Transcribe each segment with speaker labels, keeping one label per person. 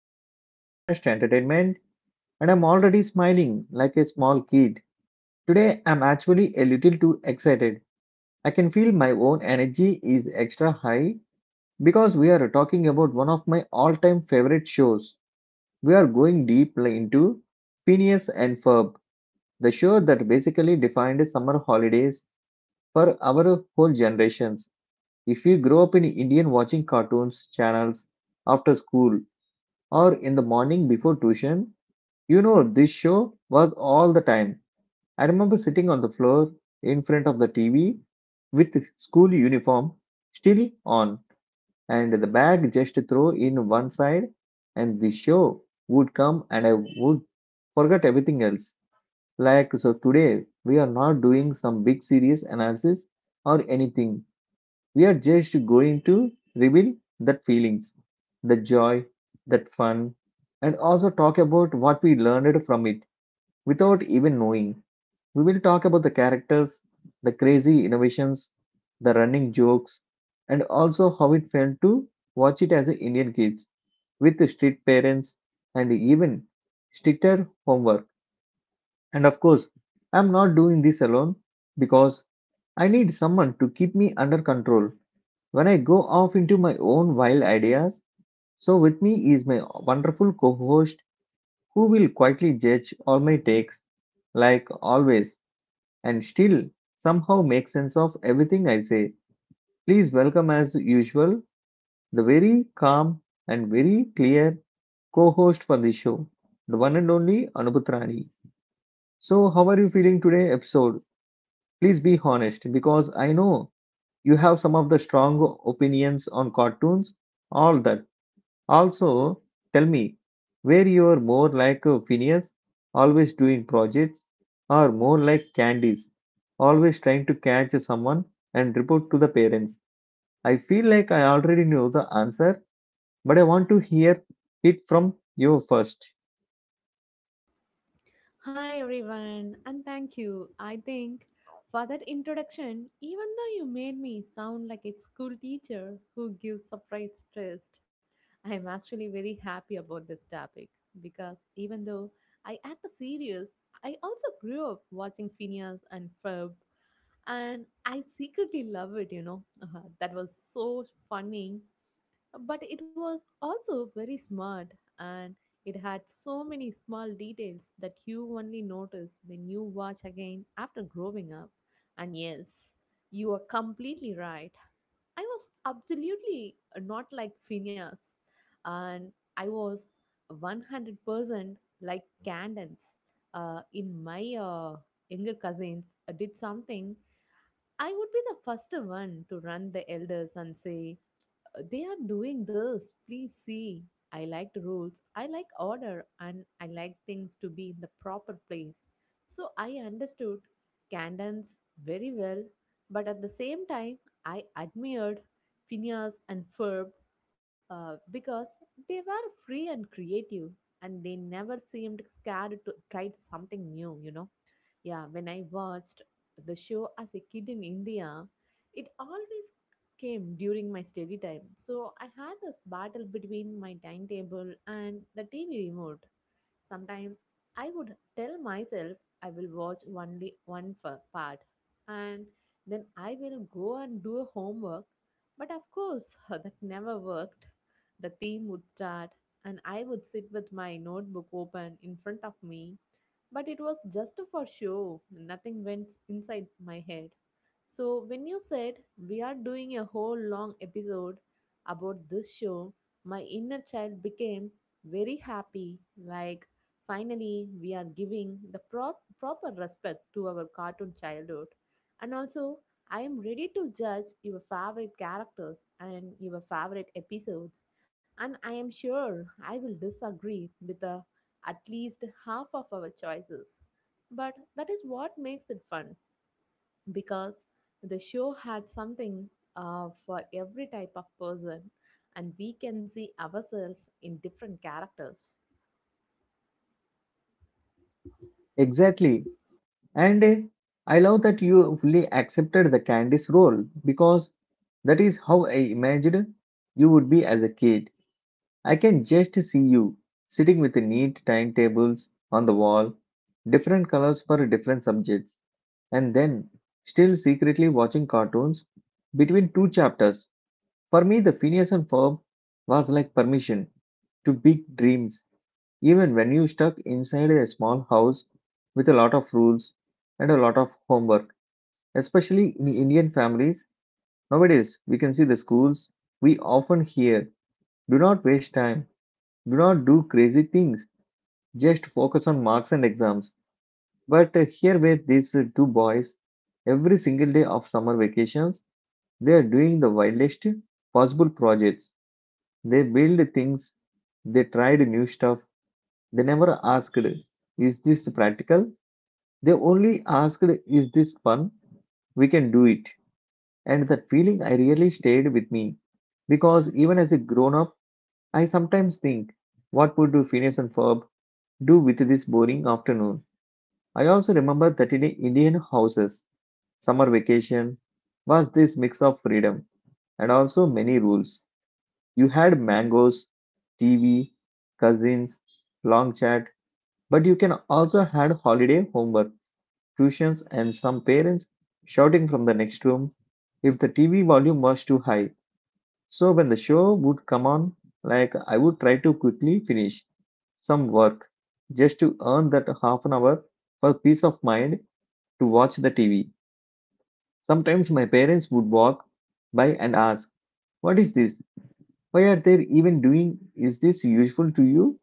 Speaker 1: of our podcast Entertainment, and I'm already smiling like a small kid. Today I'm actually a little too excited. I can feel my own energy is extra high because we are talking about one of my all-time favorite shows. We are going deep into Phineas and Ferb, the show that basically defined summer holidays for our whole generations. If you grew up in Indian watching cartoons channels after school or in the morning before tuition. This show was all the time. I remember sitting on the floor in front of the TV with school uniform still on and the bag just throw in one side, and the show would come and I would forget everything else. Like, so today we are not doing some big series analysis or anything. We are just going to reveal that feelings, the joy, that fun, and also talk about what we learned from it without even knowing. We will talk about the characters, the crazy innovations, the running jokes, and also how it felt to watch it as a Indian kids with the strict parents and even stricter homework. And of course, I'm not doing this alone because I need someone to keep me under control when I go off into my own wild ideas. So, with me is my wonderful co host who will quietly judge all my takes, like always, and still somehow make sense of everything I say. Please welcome, as usual, the very calm and very clear co host for the show, the one and only Anuputrani. So, how are you feeling today, episode? Please be honest because I know you have some of the strong opinions on cartoons, all that. Also, tell me, where you are more like a Phineas, always doing projects, or more like Candice, always trying to catch someone and report to the parents? I feel like I already know the answer, but I want to hear it from you first.
Speaker 2: Hi everyone, and thank you. I think for that introduction, even though you made me sound like a school teacher who gives surprise test, I am actually very happy about this topic because even though I act serious, I also grew up watching Phineas and Ferb, and I secretly love it. That was so funny but it was also very smart and it had so many small details that you only notice when you watch again after growing up. And yes, you are completely right, I was absolutely not like phineas and I was 100% like candence. In my younger cousins did something, I would be the first one to run the elders and say they are doing this please see. I like rules, I like order, and I like things to be in the proper place. So I understood candance very well, but at the same time I admired phineas and ferb, because they were free and creative, and they never seemed scared to try something new. Yeah, when I watched the show as a kid in India, it always came during my study time. So I had this battle between my timetable and the TV remote. Sometimes I would tell myself I will watch only part, and then I will go and do a homework. But of course, that never worked. The team would start and I would sit with my notebook open in front of me, but it was just for show, nothing went inside my head. So, when you said we are doing a whole long episode about this show, my inner child became very happy. Like, finally, we are giving the proper respect to our cartoon childhood. And also, I am ready to judge your favorite characters and your favorite episodes. And I am sure I will disagree with at least half of our choices. But that is what makes it fun because the show had something for every type of person, and we can see ourselves in different characters.
Speaker 1: Exactly. And I love that you fully accepted the Candice role because that is how I imagined you would be as a kid. I can just see you sitting with neat timetables on the wall, different colors for different subjects, and then still secretly watching cartoons between two chapters. For me, the Phineas and Ferb was like permission to big dreams, even when you stuck inside a small house with a lot of rules and a lot of homework. Especially in Indian families, nowadays we can see the schools, we often hear do not waste time, do not do crazy things, just focus on marks and exams. But here were these two boys, every single day of summer vacations, they are doing the wildest possible projects. They build things, they tried new stuff, they never asked, is this practical? They only asked, is this fun? We can do it. And that feeling I really stayed with me. Because even as a grown up, I sometimes think, what would Phineas and Ferb do with this boring afternoon? I also remember that in Indian houses, summer vacation was this mix of freedom and also many rules. You had mangoes, TV, cousins, long chat, but you can also had holiday homework, tuitions, and some parents shouting from the next room if the TV volume was too high. So when the show would come on, like, I would try to quickly finish some work just to earn that half an hour for peace of mind to watch the TV. Sometimes my parents would walk by and ask, what is this? Why are they even doing? Is this useful to you?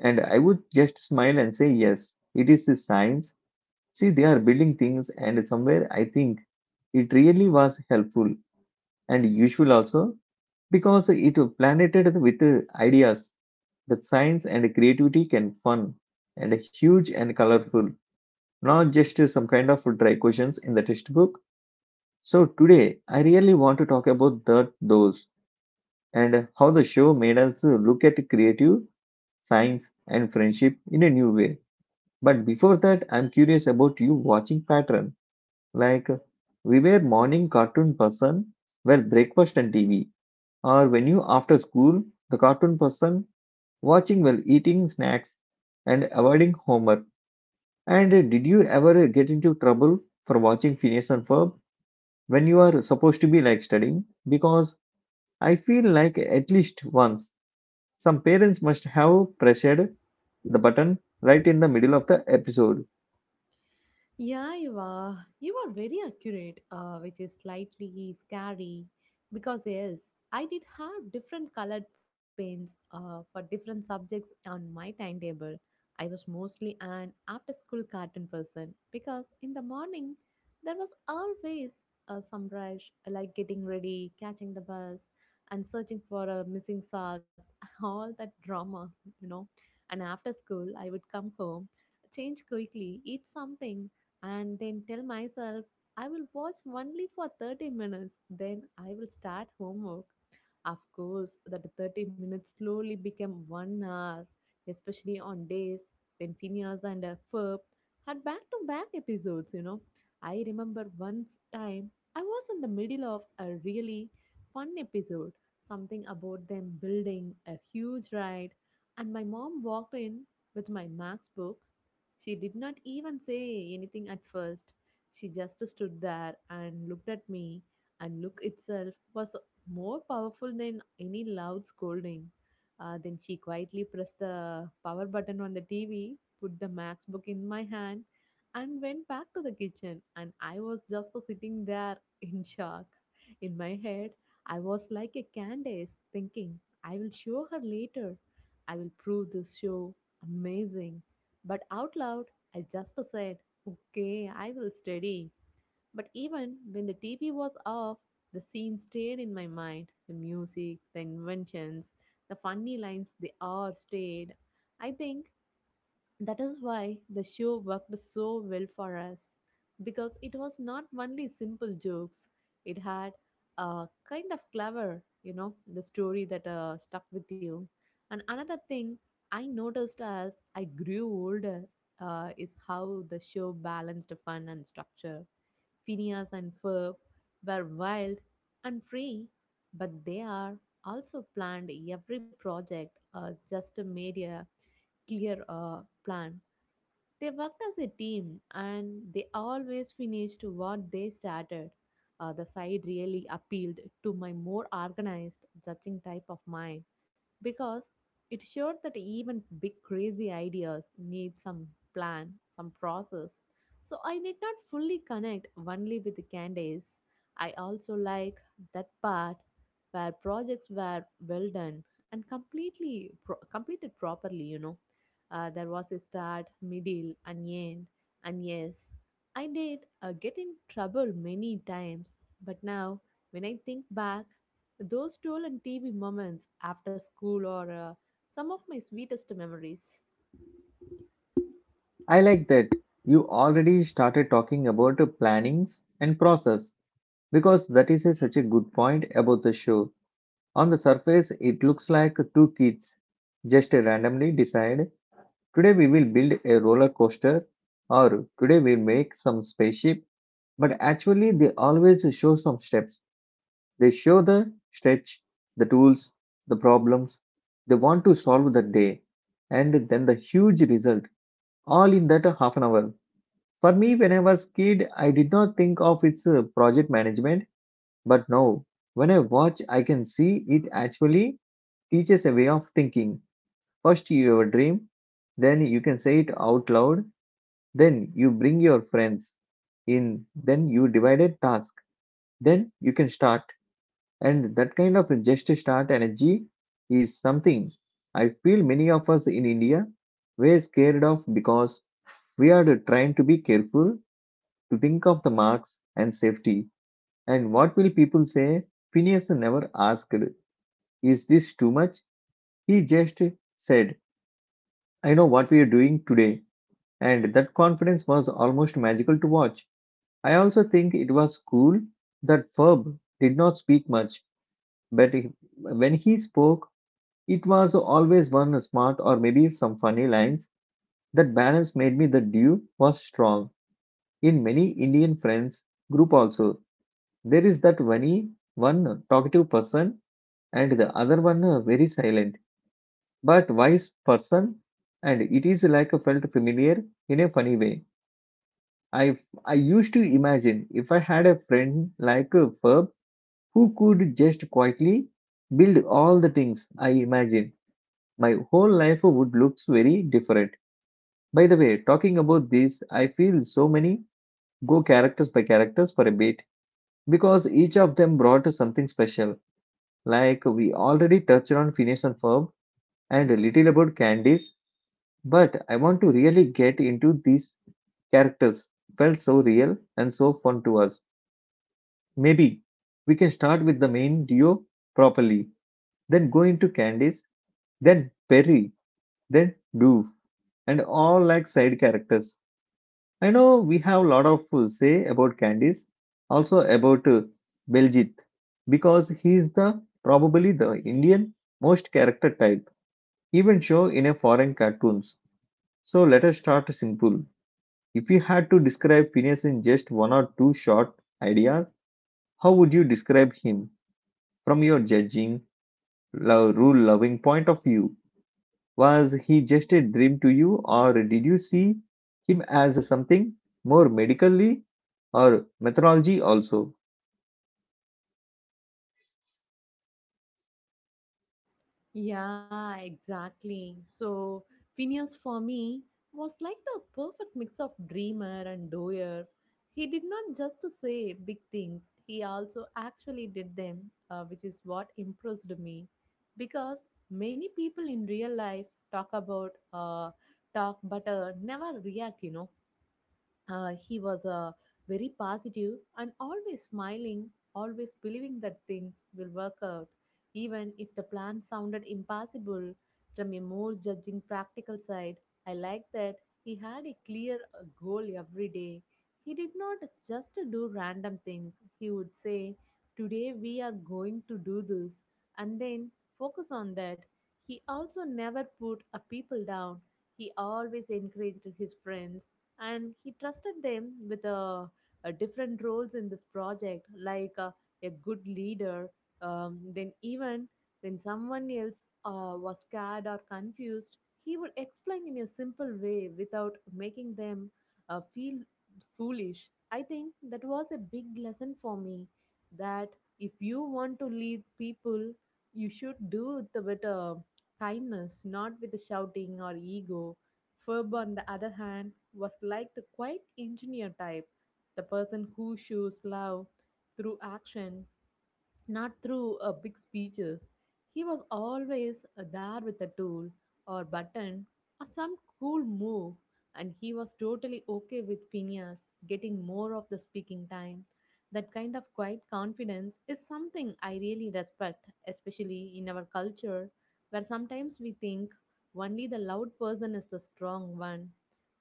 Speaker 1: And I would just smile and say, yes, it is a science. See, they are building things, and somewhere I think it really was helpful and useful also because it planted with ideas that science and creativity can fun and huge and colorful, not just some kind of dry questions in the textbook. So today I really want to talk about that those and how the show made us look at creative, science, and friendship in a new way. But before that, I'm curious about you watching pattern. Like, we were morning cartoon person, well, breakfast and TV. Or when you after school, the cartoon person watching while eating snacks and avoiding homework. And did you ever get into trouble for watching Phineas and Ferb when you are supposed to be like studying? Because I feel like at least once some parents must have pressured the button right in the middle of the episode.
Speaker 2: Yeah, you are. You are very accurate, which is slightly scary because, yes, I did have different colored pens for different subjects on my timetable. I was mostly an after school cartoon person because in the morning there was always some rush, like getting ready, catching the bus, and searching for missing socks, all that drama, you know. And after school, I would come home, change quickly, eat something, and then tell myself I will watch only for 30 minutes, then I will start homework. Of course, that 30 minutes slowly became 1 hour, especially on days when Phineas and Ferb had back to back episodes, you know. I remember once time I was in the middle of a really fun episode, something about them building a huge ride, and my mom walked in with my Max book. She did not even say anything at first. She just stood there and looked at me, and look itself was more powerful than any loud scolding. Then she quietly pressed the power button on the TV, put the MacBook in my hand, and went back to the kitchen. And I was just sitting there in shock. In my head, I was like a Candace, thinking, I will show her later. I will prove this show amazing. But out loud, I just said, okay, I will study. But even when the TV was off, the scene stayed in my mind. The music, the inventions, the funny lines, they all stayed. I think that is why the show worked so well for us because it was not only simple jokes, it had a kind of clever, the story that stuck with you. And another thing I noticed as I grew older is how the show balanced fun and structure. Phineas and Ferb were wild and free, but they are also planned every project, just made a clear plan. They worked as a team and they always finished what they started. The side really appealed to my more organized judging type of mind because it showed that even big crazy ideas need some plan, some process. So I did not fully connect only with the candies. I also like that part where projects were well done and completely completed properly, you know. There was a start, middle, and end. And yes, I did get in trouble many times. But now, when I think back, those stolen TV moments after school are some of my sweetest memories.
Speaker 1: I like that you already started talking about plannings and process because that is such a good point about the show. On the surface, it looks like two kids just randomly decide today we will build a roller coaster or today we'll make some spaceship, but actually, they always show some steps. They show the stretch, the tools, the problems they want to solve that day, and then the huge result, all in that half an hour. For me, when I was kid, I did not think of its project management, but now, when I watch, I can see it actually teaches a way of thinking. First, you have a dream, then you can say it out loud, then you bring your friends in, then you divide a task, then you can start. And that kind of just start energy is something I feel many of us in India were scared of because we are trying to be careful to think of the marks and safety. And what will people say? Phineas never asked, is this too much? He just said, I know what we are doing today. And that confidence was almost magical to watch. I also think it was cool that Ferb did not speak much, but when he spoke, it was always one smart or maybe some funny lines. That balance made me the dew was strong. In many Indian friends group also, there is that one talkative person and the other one very silent but wise person, and it is like a felt familiar in a funny way. I I used to imagine if I had a friend like a Ferb who could just quietly build all the things I imagine, my whole life would look very different. By the way, talking about these, I feel so many go characters by characters for a bit because each of them brought something special. Like we already touched on Phineas and Ferb and a little about Candice, but I want to really get into these characters. Felt so real and so fun to us. Maybe we can start with the main duo properly, then go into Candice, then Perry, then Doof, and all like side characters. I know we have a lot of say about Candice, also about Beljit, because he is the probably the Indian most character type, even show in a foreign cartoons. So let us start simple. If you had to describe Phineas in just one or two short ideas, how would you describe him from your judging, love, rule-loving point of view? Was he just a dream to you, or did you see him as something more medically or methodology also?
Speaker 2: Yeah, exactly. So Phineas for me was like the perfect mix of dreamer and doer. He did not just to say big things, he also actually did them, which is what impressed me. Because many people in real life talk about talk but never react, you know. He was very positive and always smiling, always believing that things will work out, even if the plan sounded impossible from a more judging practical side. I like that he had a clear goal every day. He did not just do random things. He would say, today we are going to do this, and then focus on that. He also never put a people down. He always encouraged his friends and he trusted them with different roles in this project, like a good leader. Then, even when someone else was scared or confused, he would explain in a simple way without making them feel foolish. I think that was a big lesson for me that if you want to lead people, you should do it with kindness, not with the shouting or ego. Ferb, on the other hand, was like the quiet engineer type, the person who shows love through action not through big speeches. He was always there with a tool or button or some cool move, and he was totally okay with Phineas getting more of the speaking time. That kind of quiet confidence is something I really respect, especially in our culture, where sometimes we think only the loud person is the strong one.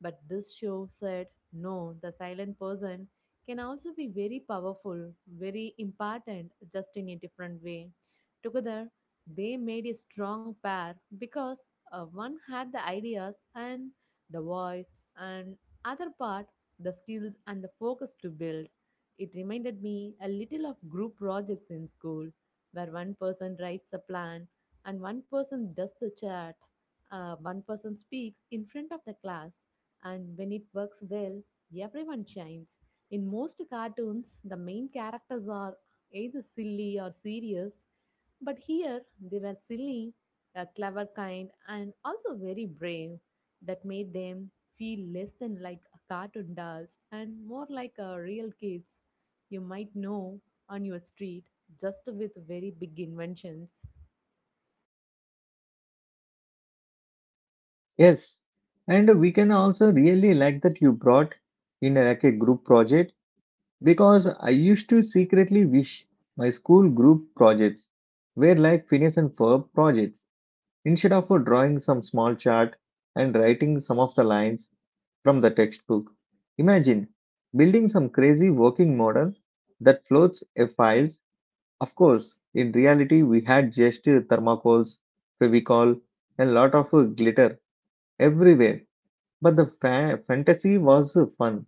Speaker 2: But this show said, no, the silent person can also be very powerful, very important, just in a different way. Together, they made a strong pair because one had the ideas and the voice, and other part the skills and the focus to build. It reminded me a little of group projects in school, where one person writes a plan and one person does the chat. One person speaks in front of the class, and when it works well, everyone shines. In most cartoons, the main characters are either silly or serious, but here they were silly, a clever kind, and also very brave. That made them feel less than like a cartoon dolls and more like real kids you might know on your street, just with very big inventions.
Speaker 1: Yes, and we can also really like that you brought in like a group project because I used to secretly wish my school group projects were like Phineas and Ferb projects instead of drawing some small chart and writing some of the lines from the textbook. Imagine building some crazy working model that floats a files. Of course, in reality, we had just thermocols, fevicol, and lot of glitter everywhere. But the fantasy was fun.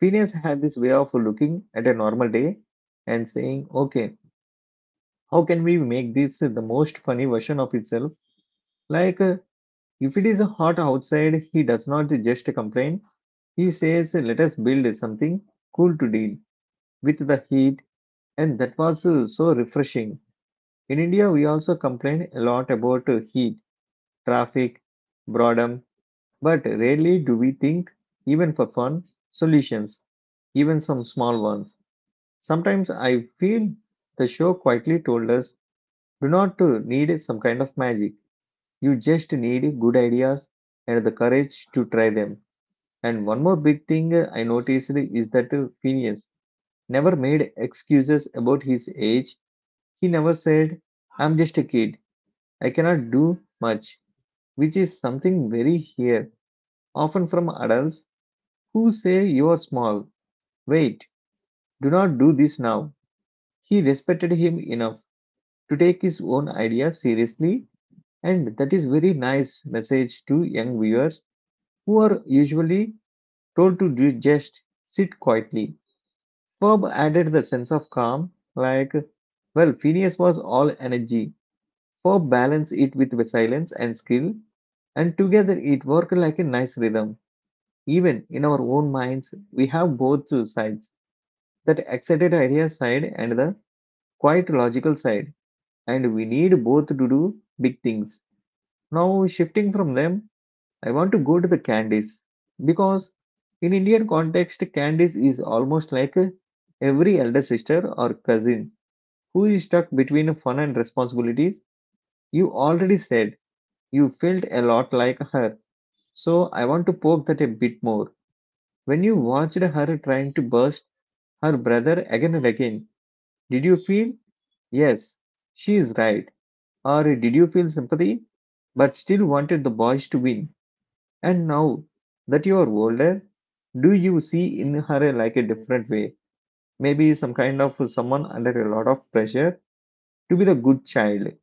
Speaker 1: Phineas had this way of looking at a normal day and saying, "Okay, how can we make this the most funny version of itself?" Like, if it is hot outside, he does not just complain. He says, let us build something cool to deal with the heat, and that was so refreshing. In India, we also complain a lot about heat, traffic, boredom, but rarely do we think, even for fun, solutions, even some small ones. Sometimes I feel the show quietly told us do not need some kind of magic. You just need good ideas and the courage to try them. And one more big thing I noticed is that Phineas never made excuses about his age. He never said, I'm just a kid, I cannot do much, which is something very here, often from adults who say you are small. Wait, do not do this now. He respected him enough to take his own ideas seriously, and that is very nice message to young viewers who are usually told to do just sit quietly. Ferb added the sense of calm. Like, well, Phineas was all energy. For balance it with silence and skill, and together it worked like a nice rhythm. Even in our own minds, we have both two sides, that excited idea side and the quite logical side, and we need both to do big things. Now, shifting from them, I want to go to the candies because in Indian context, candies is almost like a- every elder sister or cousin who is stuck between fun and responsibilities. You already said you felt a lot like her, so I want to poke that a bit more. When you watched her trying to burst her brother again and again, did you feel, yes, she is right? Or did you feel sympathy, but still wanted the boys to win? And now that you are older, do you see in her like a different way? Maybe some kind of someone under a lot of pressure to be the good child.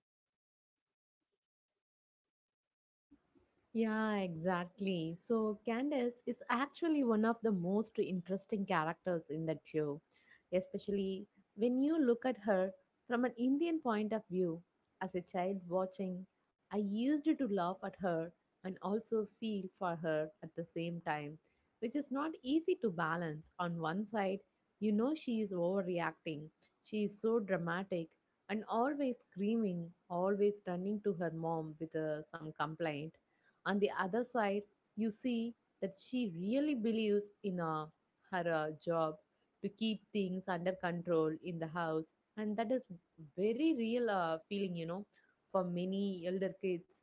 Speaker 2: Yeah, exactly. So Candace is actually one of the most interesting characters in that show, especially when you look at her from an Indian point of view. As a child watching, I used to laugh at her and also feel for her at the same time, which is not easy to balance. On one side, you know she is overreacting, she is so dramatic and always screaming, always turning to her mom with some complaint. On the other side, you see that she really believes in her job to keep things under control in the house, and that is very real feeling, you know, for many elder kids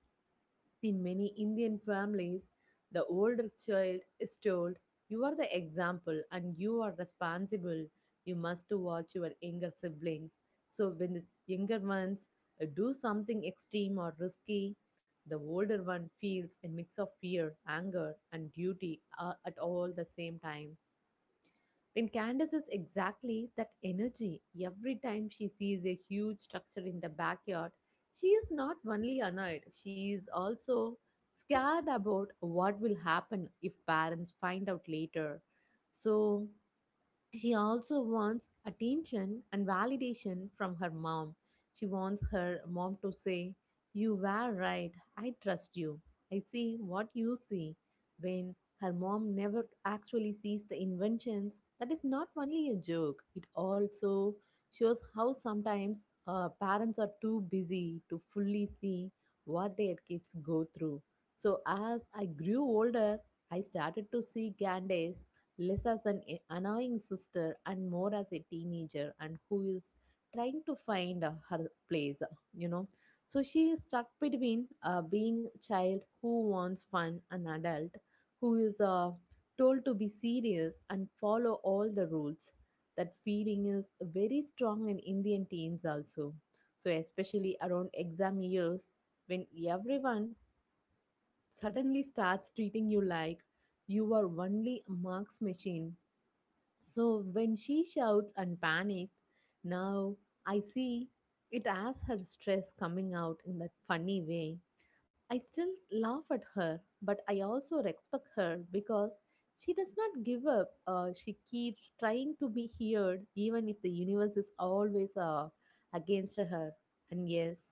Speaker 2: in many Indian families, the older child is told, you are the example and you are responsible. You must watch your younger siblings. So, when the younger ones do something extreme or risky, the older one feels a mix of fear, anger, and duty at all the same time. And Candace is exactly that energy. Every time she sees a huge structure in the backyard, she is not only annoyed, she is also scared about what will happen if parents find out later. So she also wants attention and validation from her mom. She wants her mom to say, you were right. I trust you. I see what you see. When her mom never actually sees the inventions, that is not only a joke, it also shows how sometimes parents are too busy to fully see what their kids go through. So, as I grew older, I started to see Gandhi less as an annoying sister and more as a teenager and who is trying to find her place, you know so she is stuck between being a child who wants fun an adult who is told to be serious and follow all the rules. That feeling is very strong in Indian teens also, so especially around exam years when everyone suddenly starts treating you like you are only a marks machine. So when she shouts and panics, now I see it as her stress coming out in that funny way. I still laugh at her, but I also respect her because she does not give up. She keeps trying to be heard, even if the universe is always against her. And yes,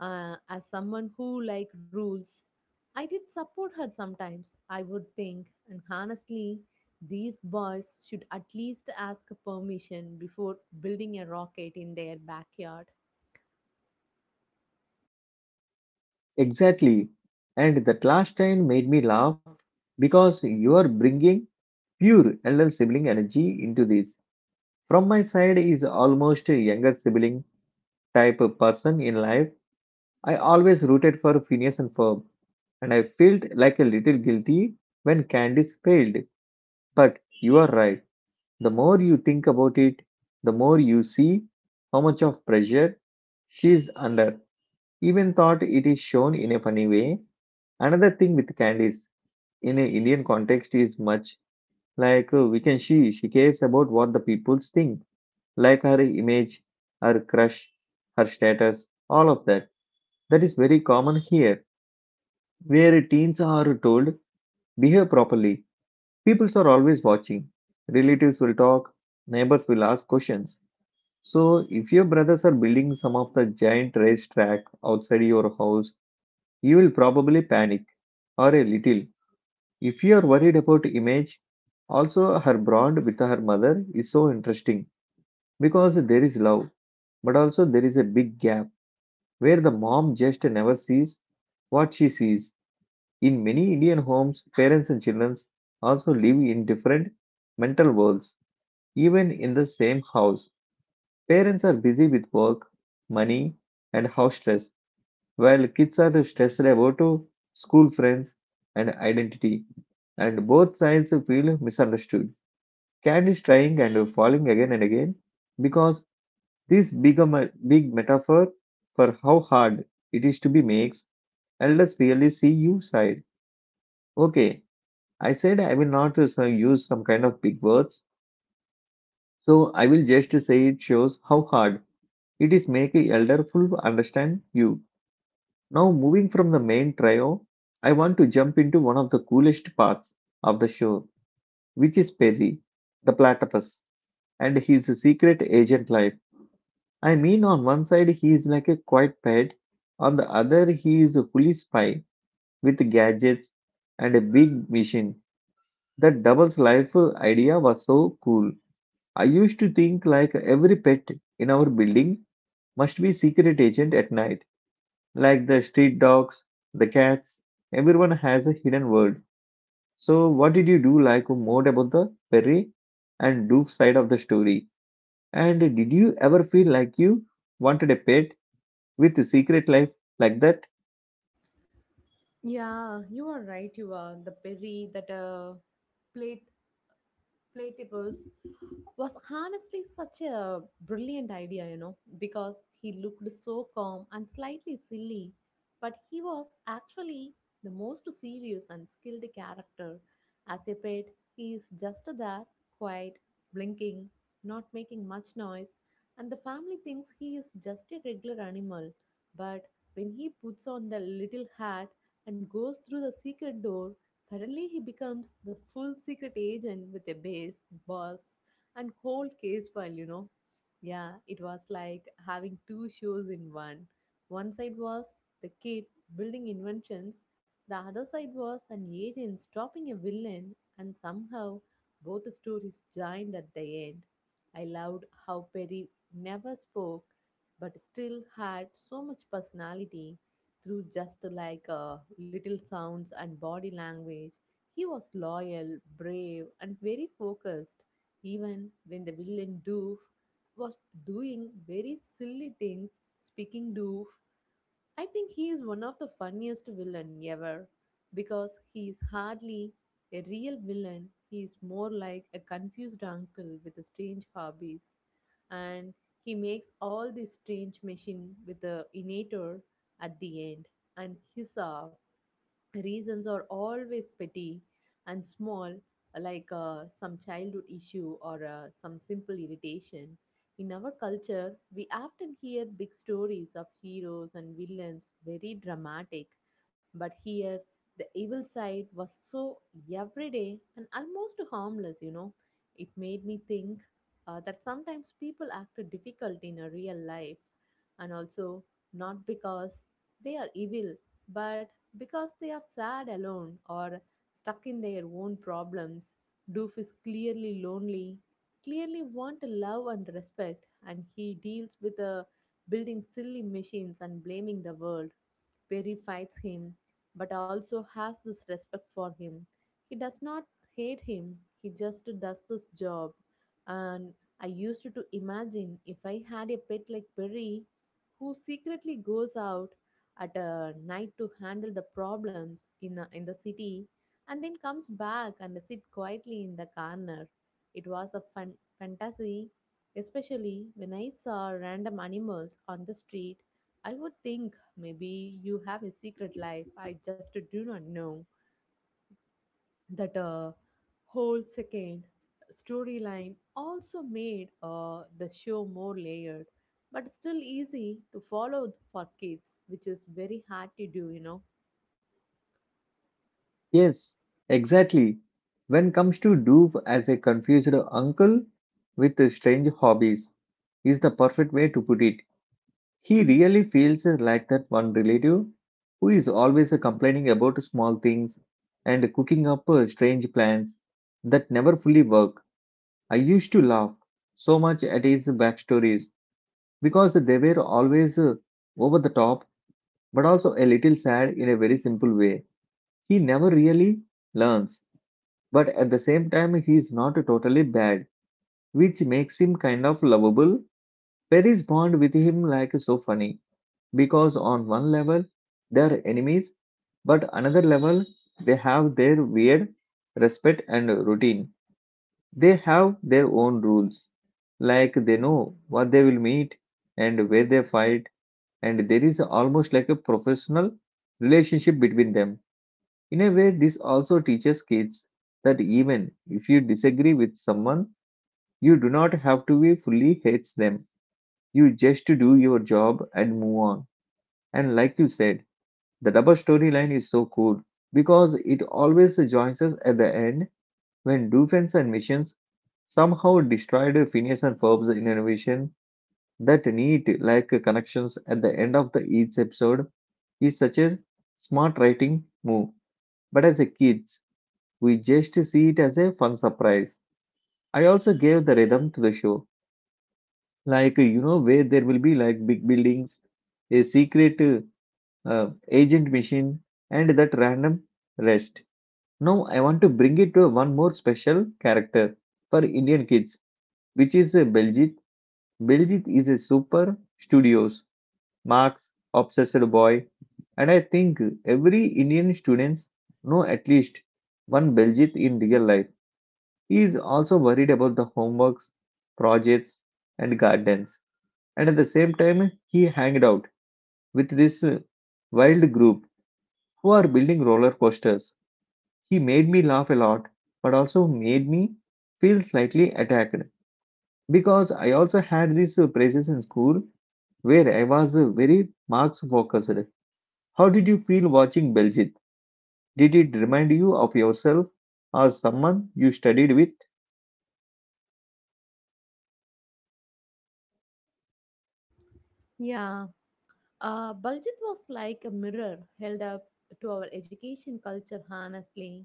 Speaker 2: as someone who like rules, I did support her sometimes. I would think, and honestly, these boys should at least ask permission before building a rocket in their backyard.
Speaker 1: Exactly. And that last line made me laugh because you are bringing pure LL sibling energy into this. From my side is almost a younger sibling type of person in life. I always rooted for Phineas and Ferb, and I felt like a little guilty when Candice failed. But you are right. The more you think about it, the more you see how much of pressure she's under. Even thought it is shown in a funny way. Another thing with Candice in an Indian context is much like, we can see she cares about what the people think, like her image, her crush, her status, all of that. That is very common here, where teens are told, behave properly. People are always watching. Relatives will talk, neighbors will ask questions. So, if your brothers are building some of the giant racetrack outside your house, you will probably panic or a little. If you are worried about image, also her bond with her mother is so interesting because there is love, but also there is a big gap where the mom just never sees what she sees. In many Indian homes, parents and children also live in different mental worlds, even in the same house. Parents are busy with work, money, and house stress, while kids are stressed about school friends and identity. And both sides feel misunderstood. Cat is trying and falling again and again because this become a big metaphor for how hard it is to be makes and let's really see you side. Okay, I said I will not use some kind of big words, so I will just say it shows how hard it is make a elder full understand you. Now moving from the main trio, I want to jump into one of the coolest parts of the show, which is Perry, the platypus, and his secret agent life. I mean, on one side he is like a quiet pet, on the other he is a fully spy with gadgets and a big machine. That doubles life idea was so cool. I used to think like every pet in our building must be secret agent at night, like the street dogs, the cats. Everyone has a hidden world. So, what did you do like more about the Perry and Doof side of the story? And did you ever feel like you wanted a pet with a secret life like that?
Speaker 2: Yeah, you are right. You are the berry that play platypus was honestly such a brilliant idea, because he looked so calm and slightly silly, but he was actually the most serious and skilled character. As a pet, he is just there, quiet, blinking, not making much noise, and the family thinks he is just a regular animal. But when he puts on the little hat and goes through the secret door, suddenly, he becomes the full secret agent with a base, boss, and whole case file. Yeah, it was like having two shows in one. One side was the kid building inventions, the other side was an agent stopping a villain, and somehow both the stories joined at the end. I loved how Perry never spoke but still had so much personality through just like little sounds and body language. He was loyal, brave, and very focused, even when the villain Doof was doing very silly things. Speaking Doof, I think he is one of the funniest villain ever because he is hardly a real villain. He is more like a confused uncle with strange hobbies, and he makes all this strange machine with the innator at the end. And his reasons are always petty and small, like some childhood issue or some simple irritation. In our culture, we often hear big stories of heroes and villains, very dramatic, but here the evil side was so everyday and almost harmless. It made me think that sometimes people act difficult in a real life and also not because they are evil, but because they are sad alone or stuck in their own problems. Doof is clearly lonely, clearly want to love and respect, and he deals with building silly machines and blaming the world. Perry fights him, but also has this respect for him. He does not hate him, he just does this job. And I used to imagine if I had a pet like Perry, who secretly goes out at night to handle the problems in the city and then comes back and sit quietly in the corner. It was a fun fantasy, especially when I saw random animals on the street. I would think maybe you have a secret life. I just do not know. That whole second storyline also made the show more layered but still easy to follow for kids, which is very hard to do.
Speaker 1: Yes, exactly. When comes to Doof as a confused uncle with strange hobbies, is the perfect way to put it. He really feels like that one relative who is always complaining about small things and cooking up strange plans that never fully work. I used to laugh so much at his backstories because they were always over the top but also a little sad in a very simple way. He never really learns, but at the same time, he is not totally bad, which makes him kind of lovable. Perry's bond with him like so funny because on one level they are enemies, but another level they have their weird respect and routine. They have their own rules, like they know what they will meet and where they fight, and there is almost like a professional relationship between them. In a way, this also teaches kids that even if you disagree with someone, you do not have to be fully hates them. You just do your job and move on. And like you said, the double storyline is so cool because it always joins us at the end when Doofen's and missions somehow destroyed Phineas and Ferb's innovation. That neat like connections at the end of the each episode is such a smart writing move. But as a kids, we just see it as a fun surprise. I also gave the rhythm to the show, like you know where there will be like big buildings, a secret agent machine, and that random rest. Now I want to bring it to one more special character for Indian kids, which is Beljit. Beljit is a super studious, marks, obsessed boy, and I think every Indian students know at least one Beljit in real life. He is also worried about the homeworks, projects, and gardens, and at the same time he hanged out with this wild group who are building roller coasters. He made me laugh a lot, but also made me feel slightly attacked because I also had these praises in school where I was very marks focused. How did you feel watching Beljit? Did it remind you of yourself or someone you studied with?
Speaker 2: Yeah, Baljeet was like a mirror held up to our education culture, honestly.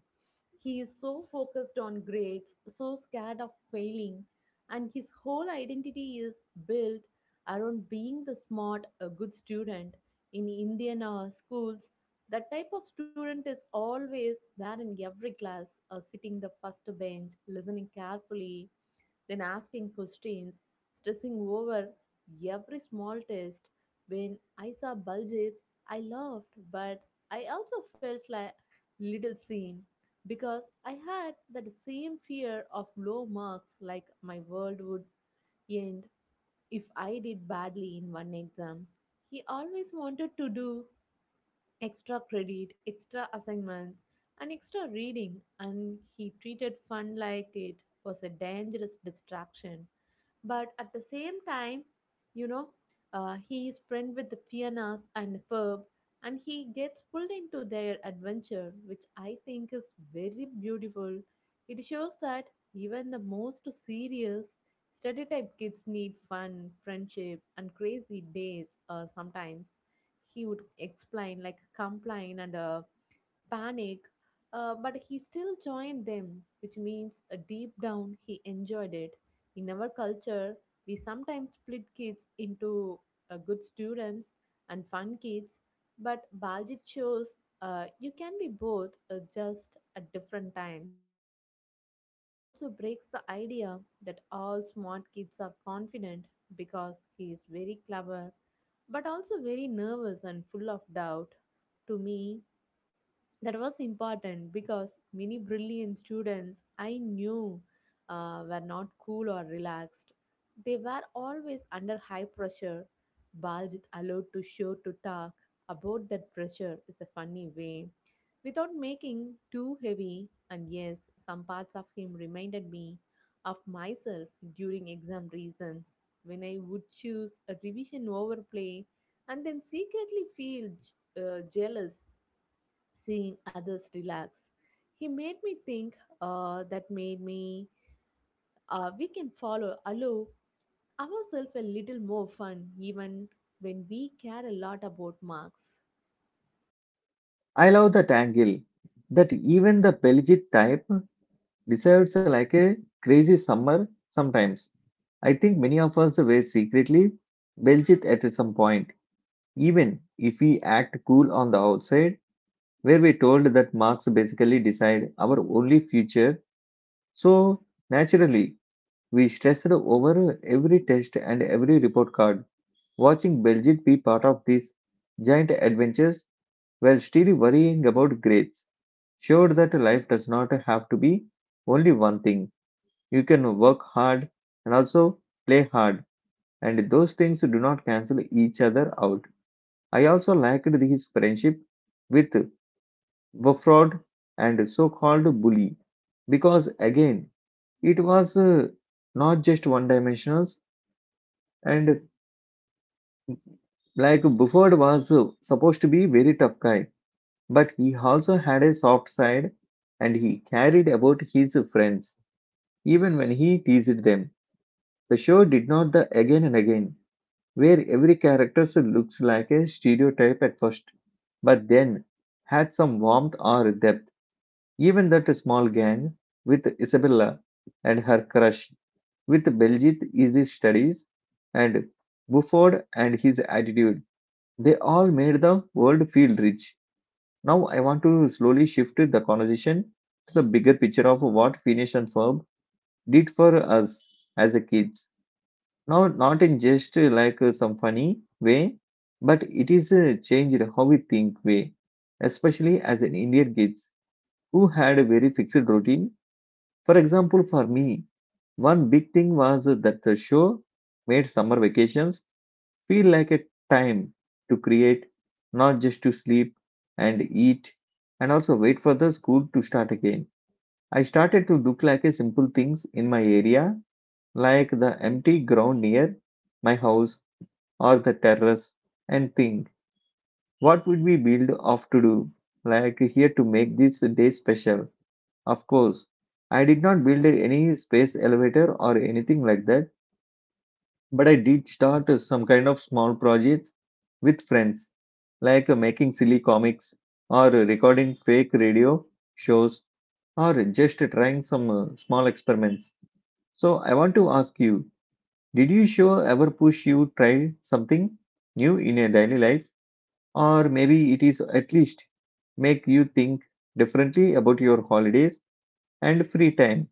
Speaker 2: He is so focused on grades, so scared of failing, and his whole identity is built around being the smart, a good student. In Indian schools, that type of student is always there in every class, sitting the first bench, listening carefully, then asking questions, stressing over every small test. When I saw Baljit, I laughed, but I also felt like little seen because I had that same fear of low marks, like my world would end if I did badly in one exam. He always wanted to do extra credit, extra assignments, and extra reading, and he treated fun like it was a dangerous distraction. But at the same time, you know, he is friend with the Fianas and Ferb, and he gets pulled into their adventure, which I think is very beautiful. It shows that even the most serious, stereotype kids need fun, friendship, and crazy days. Sometimes he would explain like complain and panic, but he still joined them, which means deep down he enjoyed it. In our culture, we sometimes split kids into good students and fun kids, but Baljit shows you can be both, just at different times. And he also breaks the idea that all smart kids are confident because he is very clever but also very nervous and full of doubt. To me, that was important because many brilliant students I knew were not cool or relaxed. They were always under high pressure. Baljit allowed to show to talk about that pressure is a funny way without making too heavy. And yes, some parts of him reminded me of myself during exam reasons when I would choose a revision over play and then secretly feel jealous seeing others relax. He made me think that made me we can follow allow ourselves a little more fun even when we care a lot about marks.
Speaker 1: I love that angle that even the Beljit type deserves like a crazy summer sometimes. I think many of us were secretly Beljit at some point. Even if we act cool on the outside, where we told that marks basically decide our only future, so naturally we stressed over every test and every report card, watching Belgium be part of these giant adventures while still worrying about grades. Showed that life does not have to be only one thing. You can work hard and also play hard, and those things do not cancel each other out. I also liked his friendship with Wafrod and so-called bully because again it was not just one-dimensional and like Bufford was supposed to be very tough guy but he also had a soft side and he carried about his friends even when he teased them. The show did not the again and again where every character looks like a stereotype at first but then had some warmth or depth. Even that small gang with Isabella and her crush with Belgit is his studies and Bufford and his attitude. They all made the world feel rich. Now I want to slowly shift the conversation to the bigger picture of what Phineas and Ferb did for us as a kids. Now not in just some funny way, but it is a changed how we think way, especially as an Indian kids who had a very fixed routine. For example, for me, one big thing was that the show made summer vacations feel like a time to create, not just to sleep and eat and also wait for the school to start again. I started to look like a simple things in my area, like the empty ground near my house or the terrace, and think what would we build off to do, like here to make this day special. Of course, I did not build any space elevator or anything like that, but I did start some kind of small projects with friends, like making silly comics or recording fake radio shows or just trying some small experiments. So I want to ask you, did you sure ever push you try something new in your daily life or maybe it is at least make you think differently about your holidays and free time?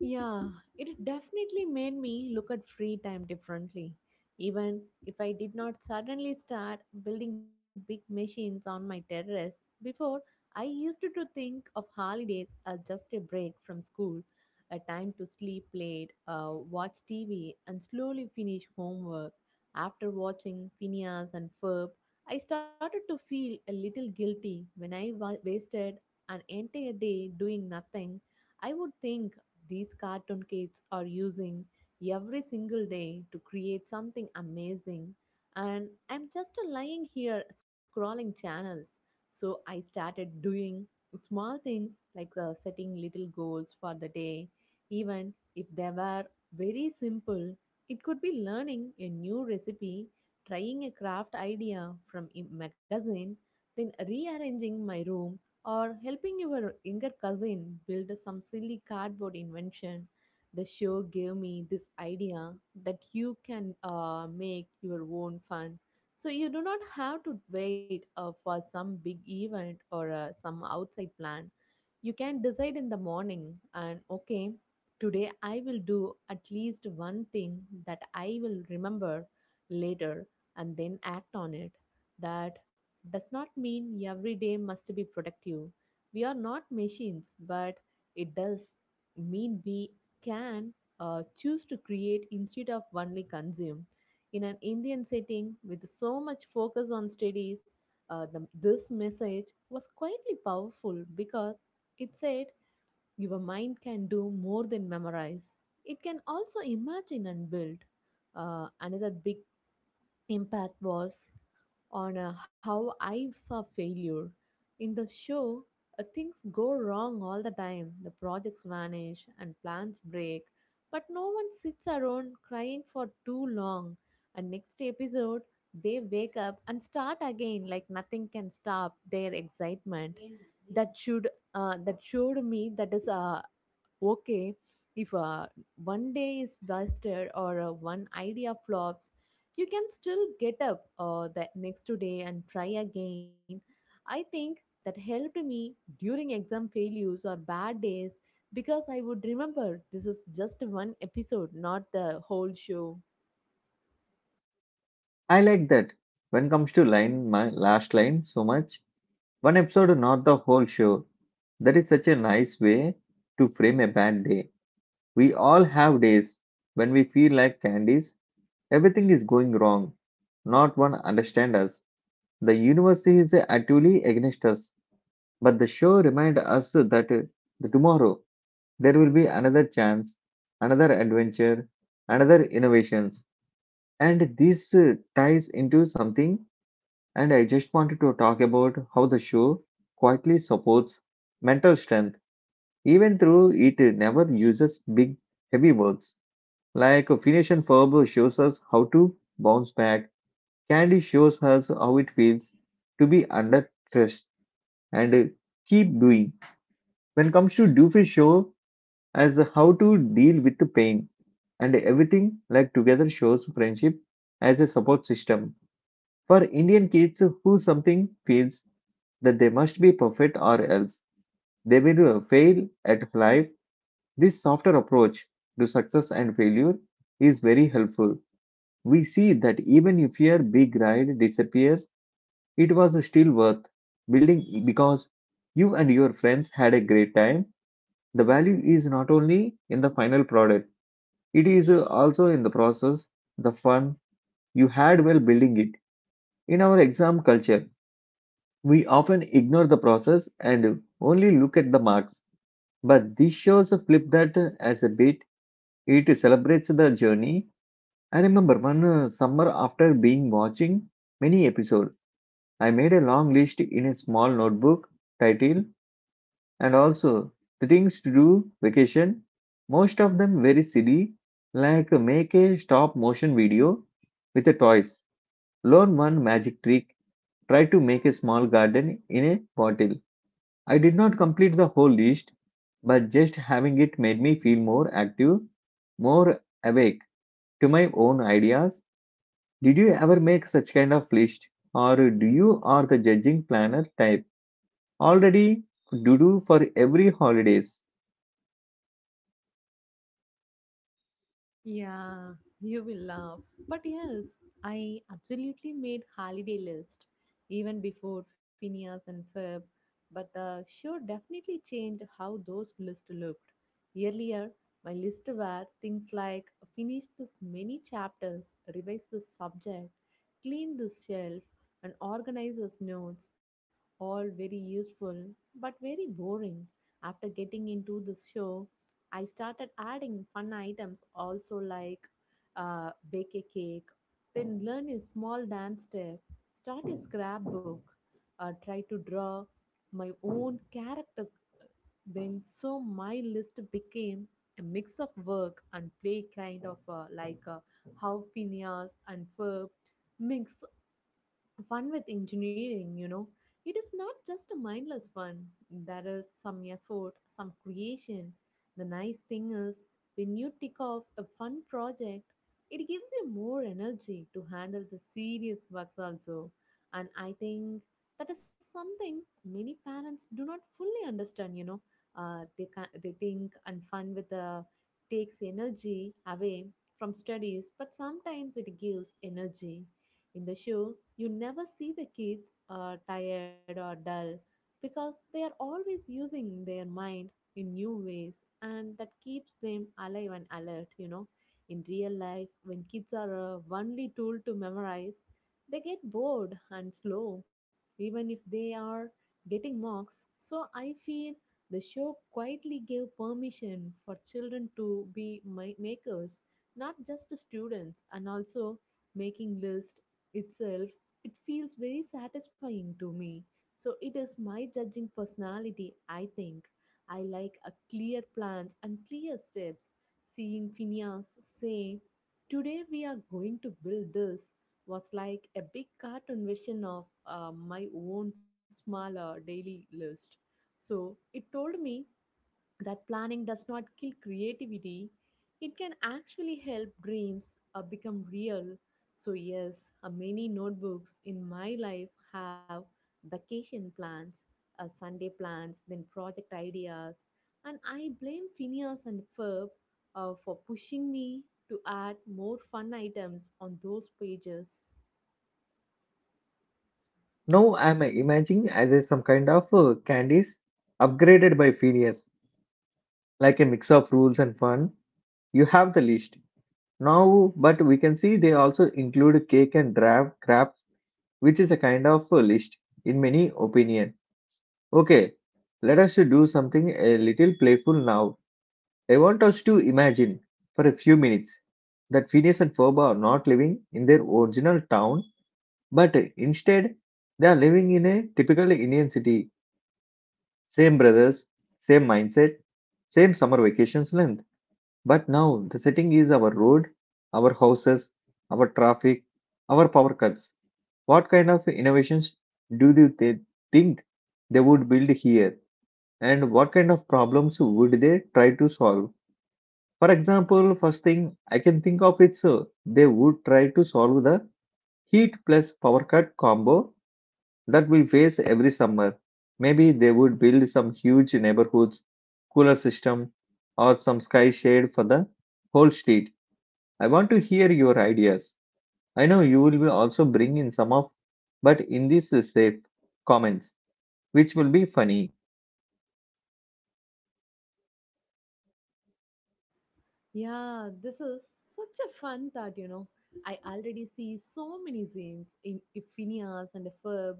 Speaker 2: Yeah, it definitely made me look at free time differently. Even if I did not suddenly start building big machines on my terrace, before I used to think of holidays as just a break from school, a time to sleep late, watch TV, and slowly finish homework. After watching Phineas and Ferb, I started to feel a little guilty when I wasted an entire day doing nothing. I would think these cartoon kids are using every single day to create something amazing, and I'm just lying here scrolling channels. So I started doing small things like setting little goals for the day, even if they were very simple. It could be learning a new recipe, trying a craft idea from a magazine, then rearranging my room or helping your younger cousin build some silly cardboard invention. The show gave me this idea that you can make your own fun. So you do not have to wait for some big event or some outside plan. You can decide in the morning and okay, today I will do at least one thing that I will remember later and then act on it. That does not mean every day must be productive. We are not machines, but it does mean we can choose to create instead of only consume. In an Indian setting with so much focus on studies, this message was quietly powerful because it said your mind can do more than memorize. It can also imagine and build. Another big impact was on how I saw failure. In the show, things go wrong all the time. The projects vanish and plans break, but no one sits around crying for too long. And next episode, they wake up and start again like nothing can stop their excitement. That should that showed me that is okay if one day is busted or one idea flops. You can still get up the next day and try again. I think that helped me during exam failures or bad days because I would remember, this is just one episode, not the whole show.
Speaker 1: I like that. When comes to line my last line so much, one episode not the whole show. That is such a nice way to frame a bad day. We all have days when we feel like candies, everything is going wrong. Not one understand us. The universe is actually against us, but the show remind us that the tomorrow there will be another chance, another adventure, another innovations. And this ties into something. And I just wanted to talk about how the show quietly supports mental strength, even though it never uses big, heavy words. Like Phineas and Ferb shows us how to bounce back, Candy shows us how it feels to be under stress and keep doing. When it comes to Doofy show as how to deal with the pain and everything like together shows friendship as a support system for Indian kids who something feels that they must be perfect or else they will fail at life. This softer approach to success and failure is very helpful. We see that even if your big ride disappears, it was still worth building because you and your friends had a great time. The value is not only in the final product, it is also in the process, the fun you had while building it. In our exam culture, we often ignore the process and only look at the marks. But this shows a flip that as a bit. It celebrates the journey. I remember one summer after being watching many episodes, I made a long list in a small notebook, title, and also the things to do vacation. Most of them very silly, like make a stop motion video with the toys, learn one magic trick, try to make a small garden in a bottle. I did not complete the whole list, but just having it made me feel more active, more awake to my own ideas. Did you ever make such kind of list, or do you are the judging planner type already do for every holidays?
Speaker 2: Yeah, you will laugh. But yes, I absolutely made holiday list even before Phineas and Ferb. But the show definitely changed how those lists looked. Earlier, my list were things like finish this many chapters, revise this subject, clean this shelf, and organize this notes. All very useful, but very boring. After getting into the show, I started adding fun items also like bake a cake, then learn a small dance step, start a scrapbook, try to draw my own character. Then, so my list became a mix of work and play, kind of like how Phineas and Ferb mix fun with engineering. It is not just a mindless fun. There is some effort, some creation. The nice thing is, when you tick off a fun project, it gives you more energy to handle the serious works also. And I think that is something many parents do not fully understand. They think and fun with the takes energy away from studies, but sometimes it gives energy. In the show, you never see the kids are tired or dull because they are always using their mind in new ways and that keeps them alive and alert. In real life, when kids are only tool to memorize, they get bored and slow, even if they are getting marks. So I feel the show quietly gave permission for children to be makers, not just to students, and also making lists itself, it feels very satisfying to me. So it is my judging personality, I think. I like a clear plans and clear steps. Seeing Phineas say, today we are going to build this was like a big cartoon version of my own smaller daily list. So it told me that planning does not kill creativity, it can actually help dreams become real. So yes, many notebooks in my life have vacation plans, Sunday plans, then project ideas, and I blame Phineas and Ferb, for pushing me to add more fun items on those pages.
Speaker 1: Now I'm imagining as a, some kind of candies upgraded by Phineas, like a mix of rules and fun. You have the list now, but we can see they also include cake and draft crafts, which is a kind of list in many opinion. Okay, let us to do something a little playful now. I want us to imagine for a few minutes that Phineas and Ferb are not living in their original town, but instead they are living in a typical Indian city. Same brothers, same mindset, same summer vacations length. But now the setting is our road, our houses, our traffic, our power cuts. What kind of innovations do you th- think they would build here? And what kind of problems would they try to solve? For example, first thing I can think of it's they would try to solve the heat plus power cut combo that we face every summer. Maybe they would build some huge neighborhoods, cooler system, or some sky shade for the whole street. I want to hear your ideas. I know you will be also bring in some of, but in this safe comments, which will be funny.
Speaker 2: Yeah, this is such a fun thought, you know. I already see so many scenes in Iphinias and Feb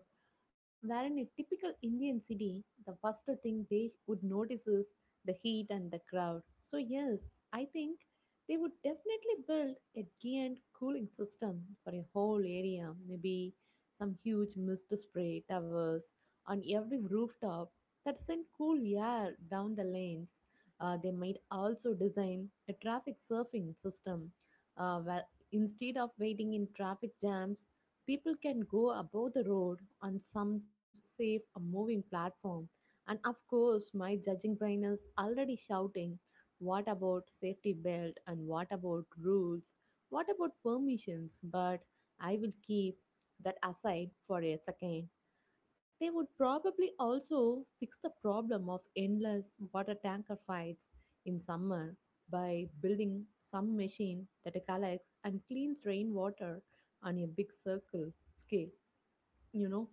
Speaker 2: where in a typical Indian city, the first thing they would notice is the heat and the crowd. So, yes, I think they would definitely build a giant cooling system for a whole area, maybe some huge mist spray towers on every rooftop that send cool air down the lanes. They might also design a traffic surfing system, where instead of waiting in traffic jams, people can go above the road on some safe moving platform. And of course, my judging brain is already shouting, what about safety belt? And what about rules? What about permissions? But I will keep that aside for a second. They would probably also fix the problem of endless water tanker fights in summer by building some machine that collects and cleans rainwater on a big circle scale, you know.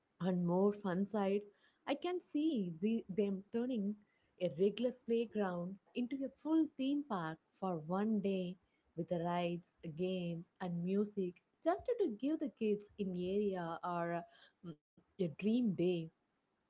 Speaker 2: On more fun side, I can see them turning a regular playground into a full theme park for one day with the rides, games, and music just to give the kids in the area, or a dream day.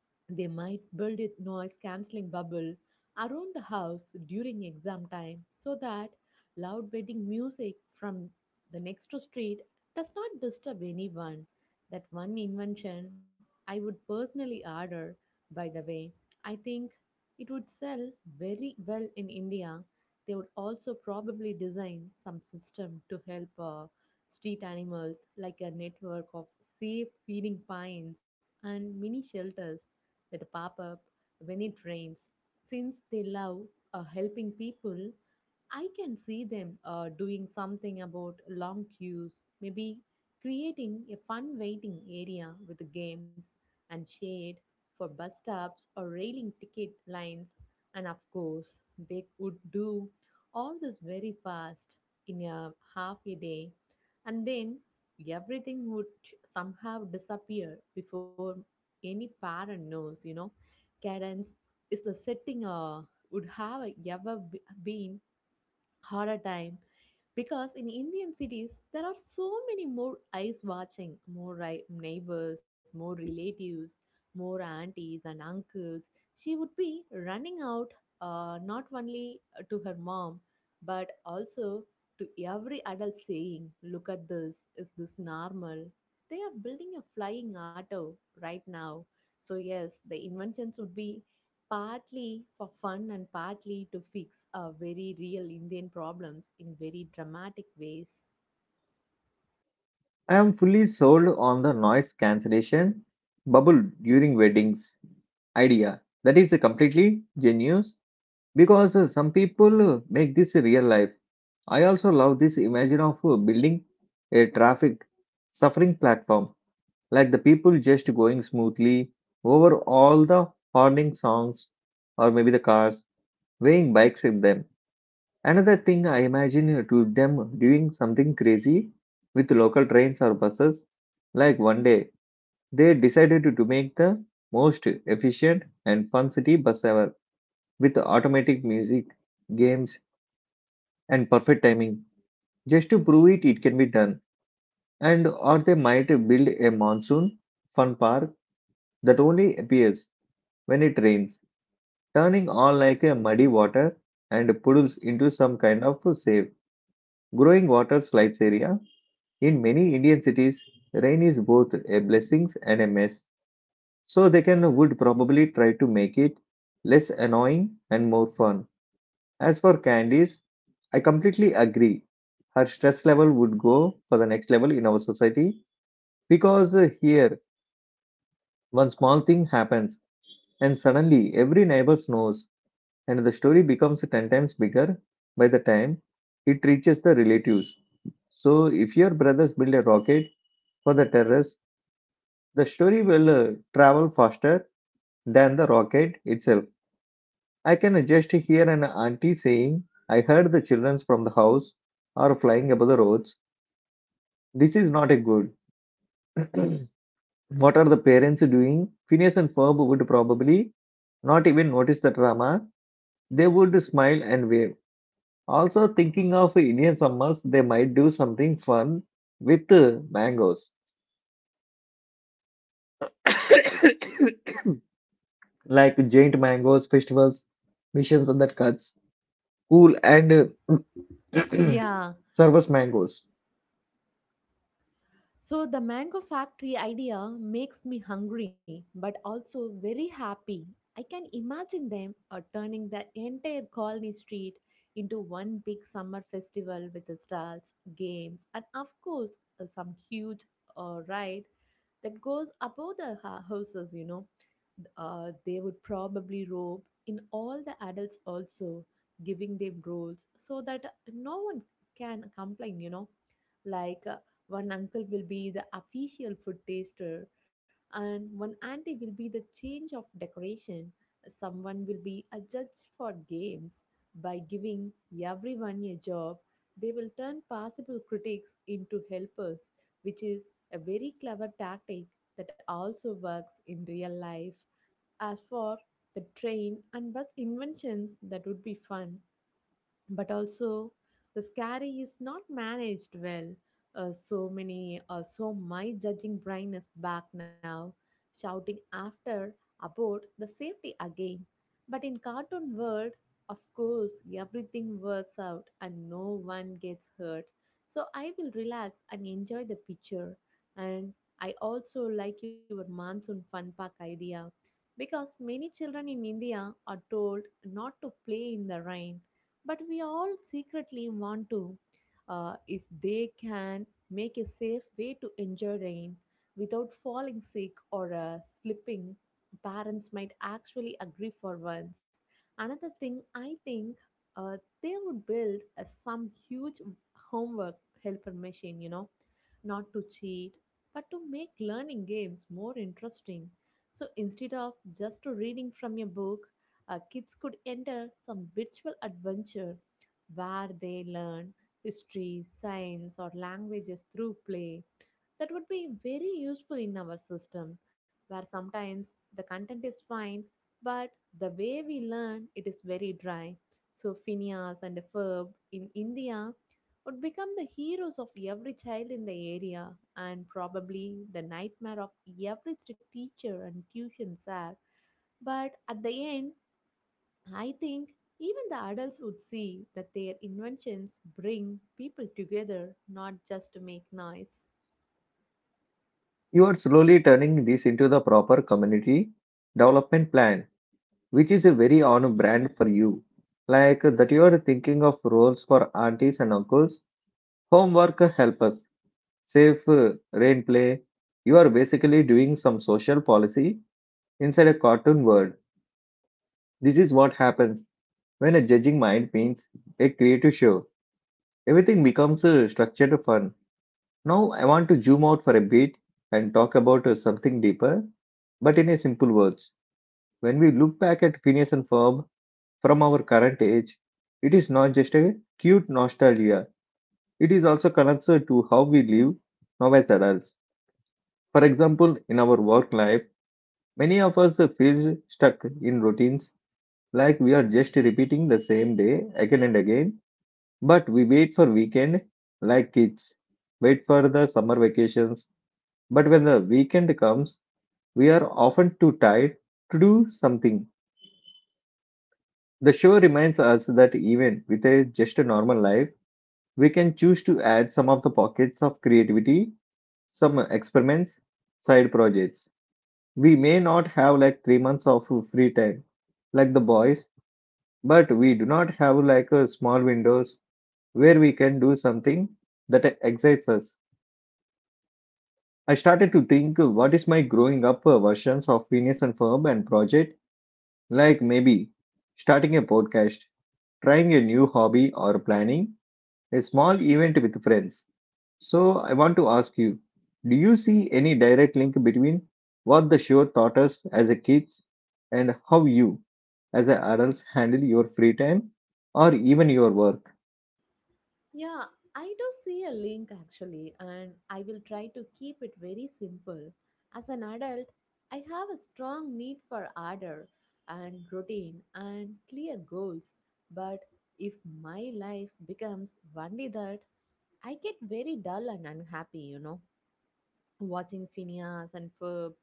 Speaker 2: They might build a noise cancelling bubble around the house during exam time so that loud wedding music from the next street does not disturb anyone. That one invention I would personally order, by the way. I think it would sell very well in India. They would also probably design some system to help street animals, like a network of safe feeding pines and mini shelters that pop up when it rains. Since they love helping people, I can see them doing something about long queues, maybe creating a fun waiting area with games and shade for bus stops or railing ticket lines. And of course, they could do all this very fast in a half a day, and then everything would somehow disappear before any parent knows, you know. Cadence is the setting would have a ever been harder time because in Indian cities, there are so many more eyes watching, more neighbors, more relatives, more aunties and uncles. She would be running out, not only to her mom, but also to every adult saying, look at this, is this normal? They are building a flying auto right now. So, yes, the inventions would be partly for fun and partly to fix very real Indian problems in very dramatic ways.
Speaker 1: I am fully sold on the noise cancellation bubble during weddings idea. That is completely genius because some people make this real life. I also love this imagine of building a traffic suffering platform, like the people just going smoothly over all the horning songs or maybe the cars, weighing bikes with them. Another thing I imagine to them doing something crazy with local trains or buses, like one day they decided to make the most efficient and fun city bus ever with automatic music, games, and perfect timing. Just to prove it, it can be done. And or they might build a monsoon fun park that only appears when it rains, turning all like a muddy water and puddles into some kind of safe growing water slides area. In many Indian cities, rain is both a blessing and a mess, so they can would probably try to make it less annoying and more fun. As for candies, I completely agree. Her stress level would go for the next level in our society because here one small thing happens and suddenly every neighbor knows and the story becomes 10 times bigger by the time it reaches the relatives. So if your brothers build a rocket for the terrace, the story will travel faster than the rocket itself. I can just hear an auntie saying, "I heard the children from the house are flying above the roads. This is not a good. What are the parents doing?" Phineas and Ferb would probably not even notice the drama. They would smile and wave. Also, thinking of Indian summers, they might do something fun with mangoes, like giant mangoes festivals, missions and that cuts. Cool and
Speaker 2: Yeah.
Speaker 1: Service mangoes.
Speaker 2: So, the mango factory idea makes me hungry but also very happy. I can imagine them turning the entire colony street into one big summer festival with the stalls, games, and of course, some huge ride that goes above the houses, you know. They would probably rope in all the adults also, giving them rules so that no one can complain, you know, like, one uncle will be the official food taster, and one auntie will be the change of decoration. Someone will be a judge for games. By giving everyone a job, they will turn possible critics into helpers, which is a very clever tactic that also works in real life. As for the train and bus inventions, that would be fun but also the scary is not managed well. So my judging brain is back now, shouting after about the safety again. But in cartoon world, of course, everything works out and no one gets hurt. So I will relax and enjoy the picture. And I also like your monsoon fun park idea because many children in India are told not to play in the rain, but we all secretly want to. If they can make a safe way to enjoy rain without falling sick or slipping, parents might actually agree for once. Another thing I think, uh, they would build some huge homework helper machine, you know, not to cheat but to make learning games more interesting. So instead of just reading from a book, kids could enter some virtual adventure where they learn history, science, or languages through play. That would be very useful in our system where sometimes the content is fine, but the way we learn it is very dry. So, Phineas and Ferb in India would become the heroes of every child in the area and probably the nightmare of every strict teacher and tuition sir. But at the end, I think even the adults would see that their inventions bring people together, not just to make noise.
Speaker 1: You are slowly turning this into the proper community development plan, which is a very on brand for you. Like that, you are thinking of roles for aunties and uncles, homework helpers, safe rain play. You are basically doing some social policy inside a cartoon world. This is what happens when a judging mind paints a creative show. Everything becomes structured fun. Now, I want to zoom out for a bit and talk about something deeper, but in a simple words. When we look back at Phineas and Ferb from our current age, it is not just a cute nostalgia, it is also connected to how we live now as adults. For example, in our work life, many of us feel stuck in routines like we are just repeating the same day again and again, but we wait for weekend like kids, wait for the summer vacations. But when the weekend comes, we are often too tired to do something. The show reminds us that even with a just a normal life, we can choose to add some of the pockets of creativity, some experiments, side projects. We may not have like 3 months of free time, like the boys, but we do not have like a small windows where we can do something that excites us. I started to think what is my growing up versions of Venus and Ferb and project, like maybe starting a podcast, trying a new hobby, or planning a small event with friends. So, I want to ask you, do you see any direct link between what the show taught us as a kids and how you, as a adults, handle your free time or even your work?
Speaker 2: Yeah, I do see a link actually, and I will try to keep it very simple. As an adult, I have a strong need for order and routine and clear goals. But if my life becomes only that, I get very dull and unhappy, you know. Watching Phineas and Ferb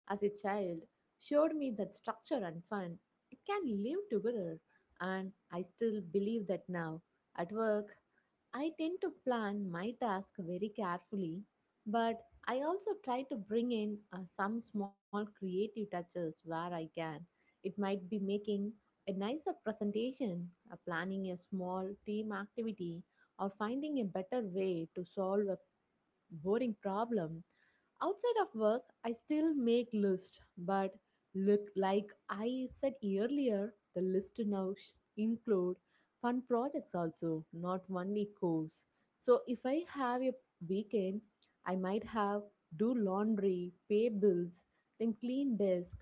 Speaker 2: as a child showed me that structure and fun it can live together, and I still believe that now. At work, I tend to plan my task very carefully, but I also try to bring in some small creative touches where I can. It might be making a nicer presentation, planning a small team activity, or finding a better way to solve a boring problem. Outside of work, I still make list, but look like I said earlier, the list now include fun projects also, not only course. So if I have a weekend, I might have do laundry, pay bills, then clean desk,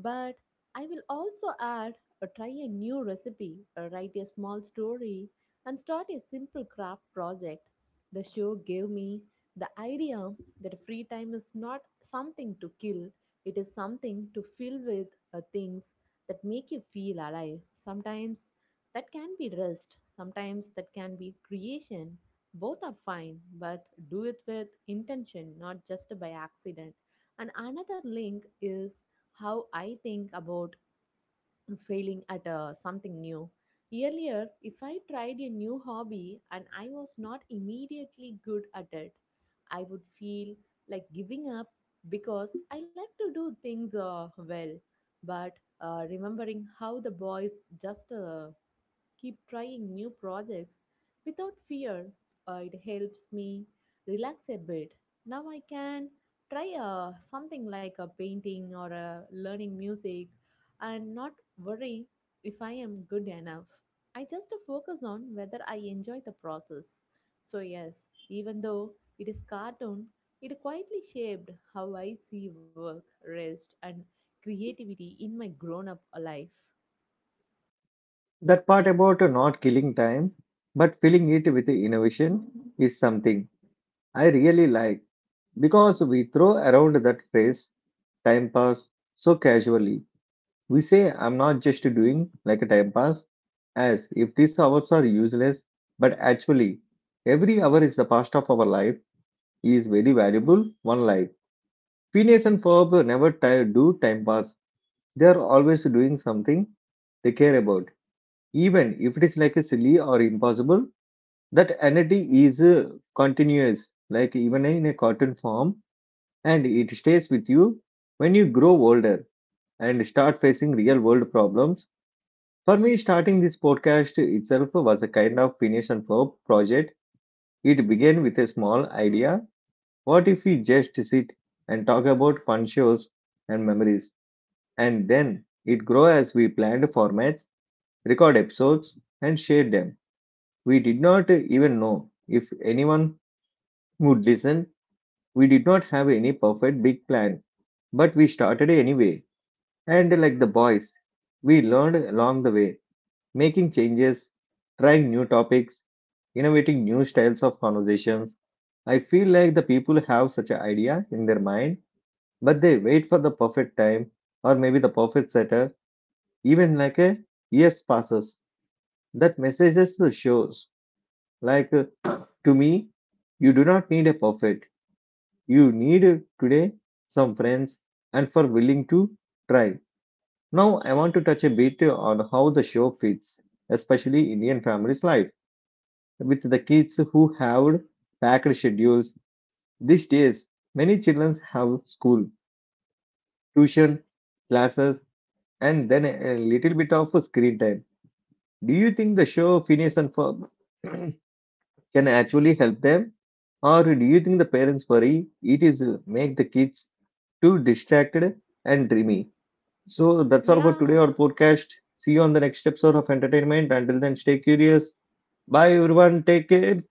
Speaker 2: but I will also add or try a new recipe, or write a small story, and start a simple craft project. The show gave me the idea that free time is not something to kill, it is something to fill with things that make you feel alive. Sometimes that can be rest, sometimes that can be creation. Both are fine, but do it with intention, not just by accident. And another link is how I think about failing at something new. Earlier, if I tried a new hobby and I was not immediately good at it, I would feel like giving up because I like to do things well. But remembering how the boys just keep trying new projects without fear. It helps me relax a bit. Now I can try something like a painting or a learning music and not worry if I am good enough. I just focus on whether I enjoy the process. So, yes, even though it is cartoon, it quietly shaped how I see work, rest, and creativity in my grown up life.
Speaker 1: That part about not killing time but filling it with innovation is something I really like because we throw around that phrase time pass so casually. We say I'm not just doing like a time pass, as if these hours are useless, but actually, every hour is the past of our life is very valuable. One life. Phineas and Ferb never do time pass. They are always doing something they care about, even if it is like a silly or impossible. That energy is continuous, like even in a cartoon form, and it stays with you when you grow older and start facing real world problems. For me, starting this podcast itself was a kind of finish and hope project. It began with a small idea. What if we just sit and talk about fun shows and memories? And then it grew as we planned formats, record episodes, and shared them. We did not even know if anyone would listen. We did not have any perfect big plan, but we started anyway. And like the boys, we learned along the way, making changes, trying new topics, innovating new styles of conversations. I feel like the people have such an idea in their mind, but they wait for the perfect time or maybe the perfect setup, even like a years passes. That messages to shows like to me, you do not need a perfect. You need today some friends and for willing to try. Now I want to touch a bit on how the show fits, especially Indian families' life with the kids who have packed schedules these days. Many children have school, tuition, classes, and then a little bit of screen time. Do you think the show Phineas and Ferb can actually help them, or do you think the parents worry it is make the kids too distracted and dreamy? So that's all
Speaker 2: Yeah,
Speaker 1: for today, our podcast. See you on the next episode of entertainment. Until then, stay curious. Bye everyone, take care.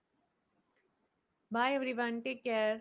Speaker 2: bye everyone. Take care.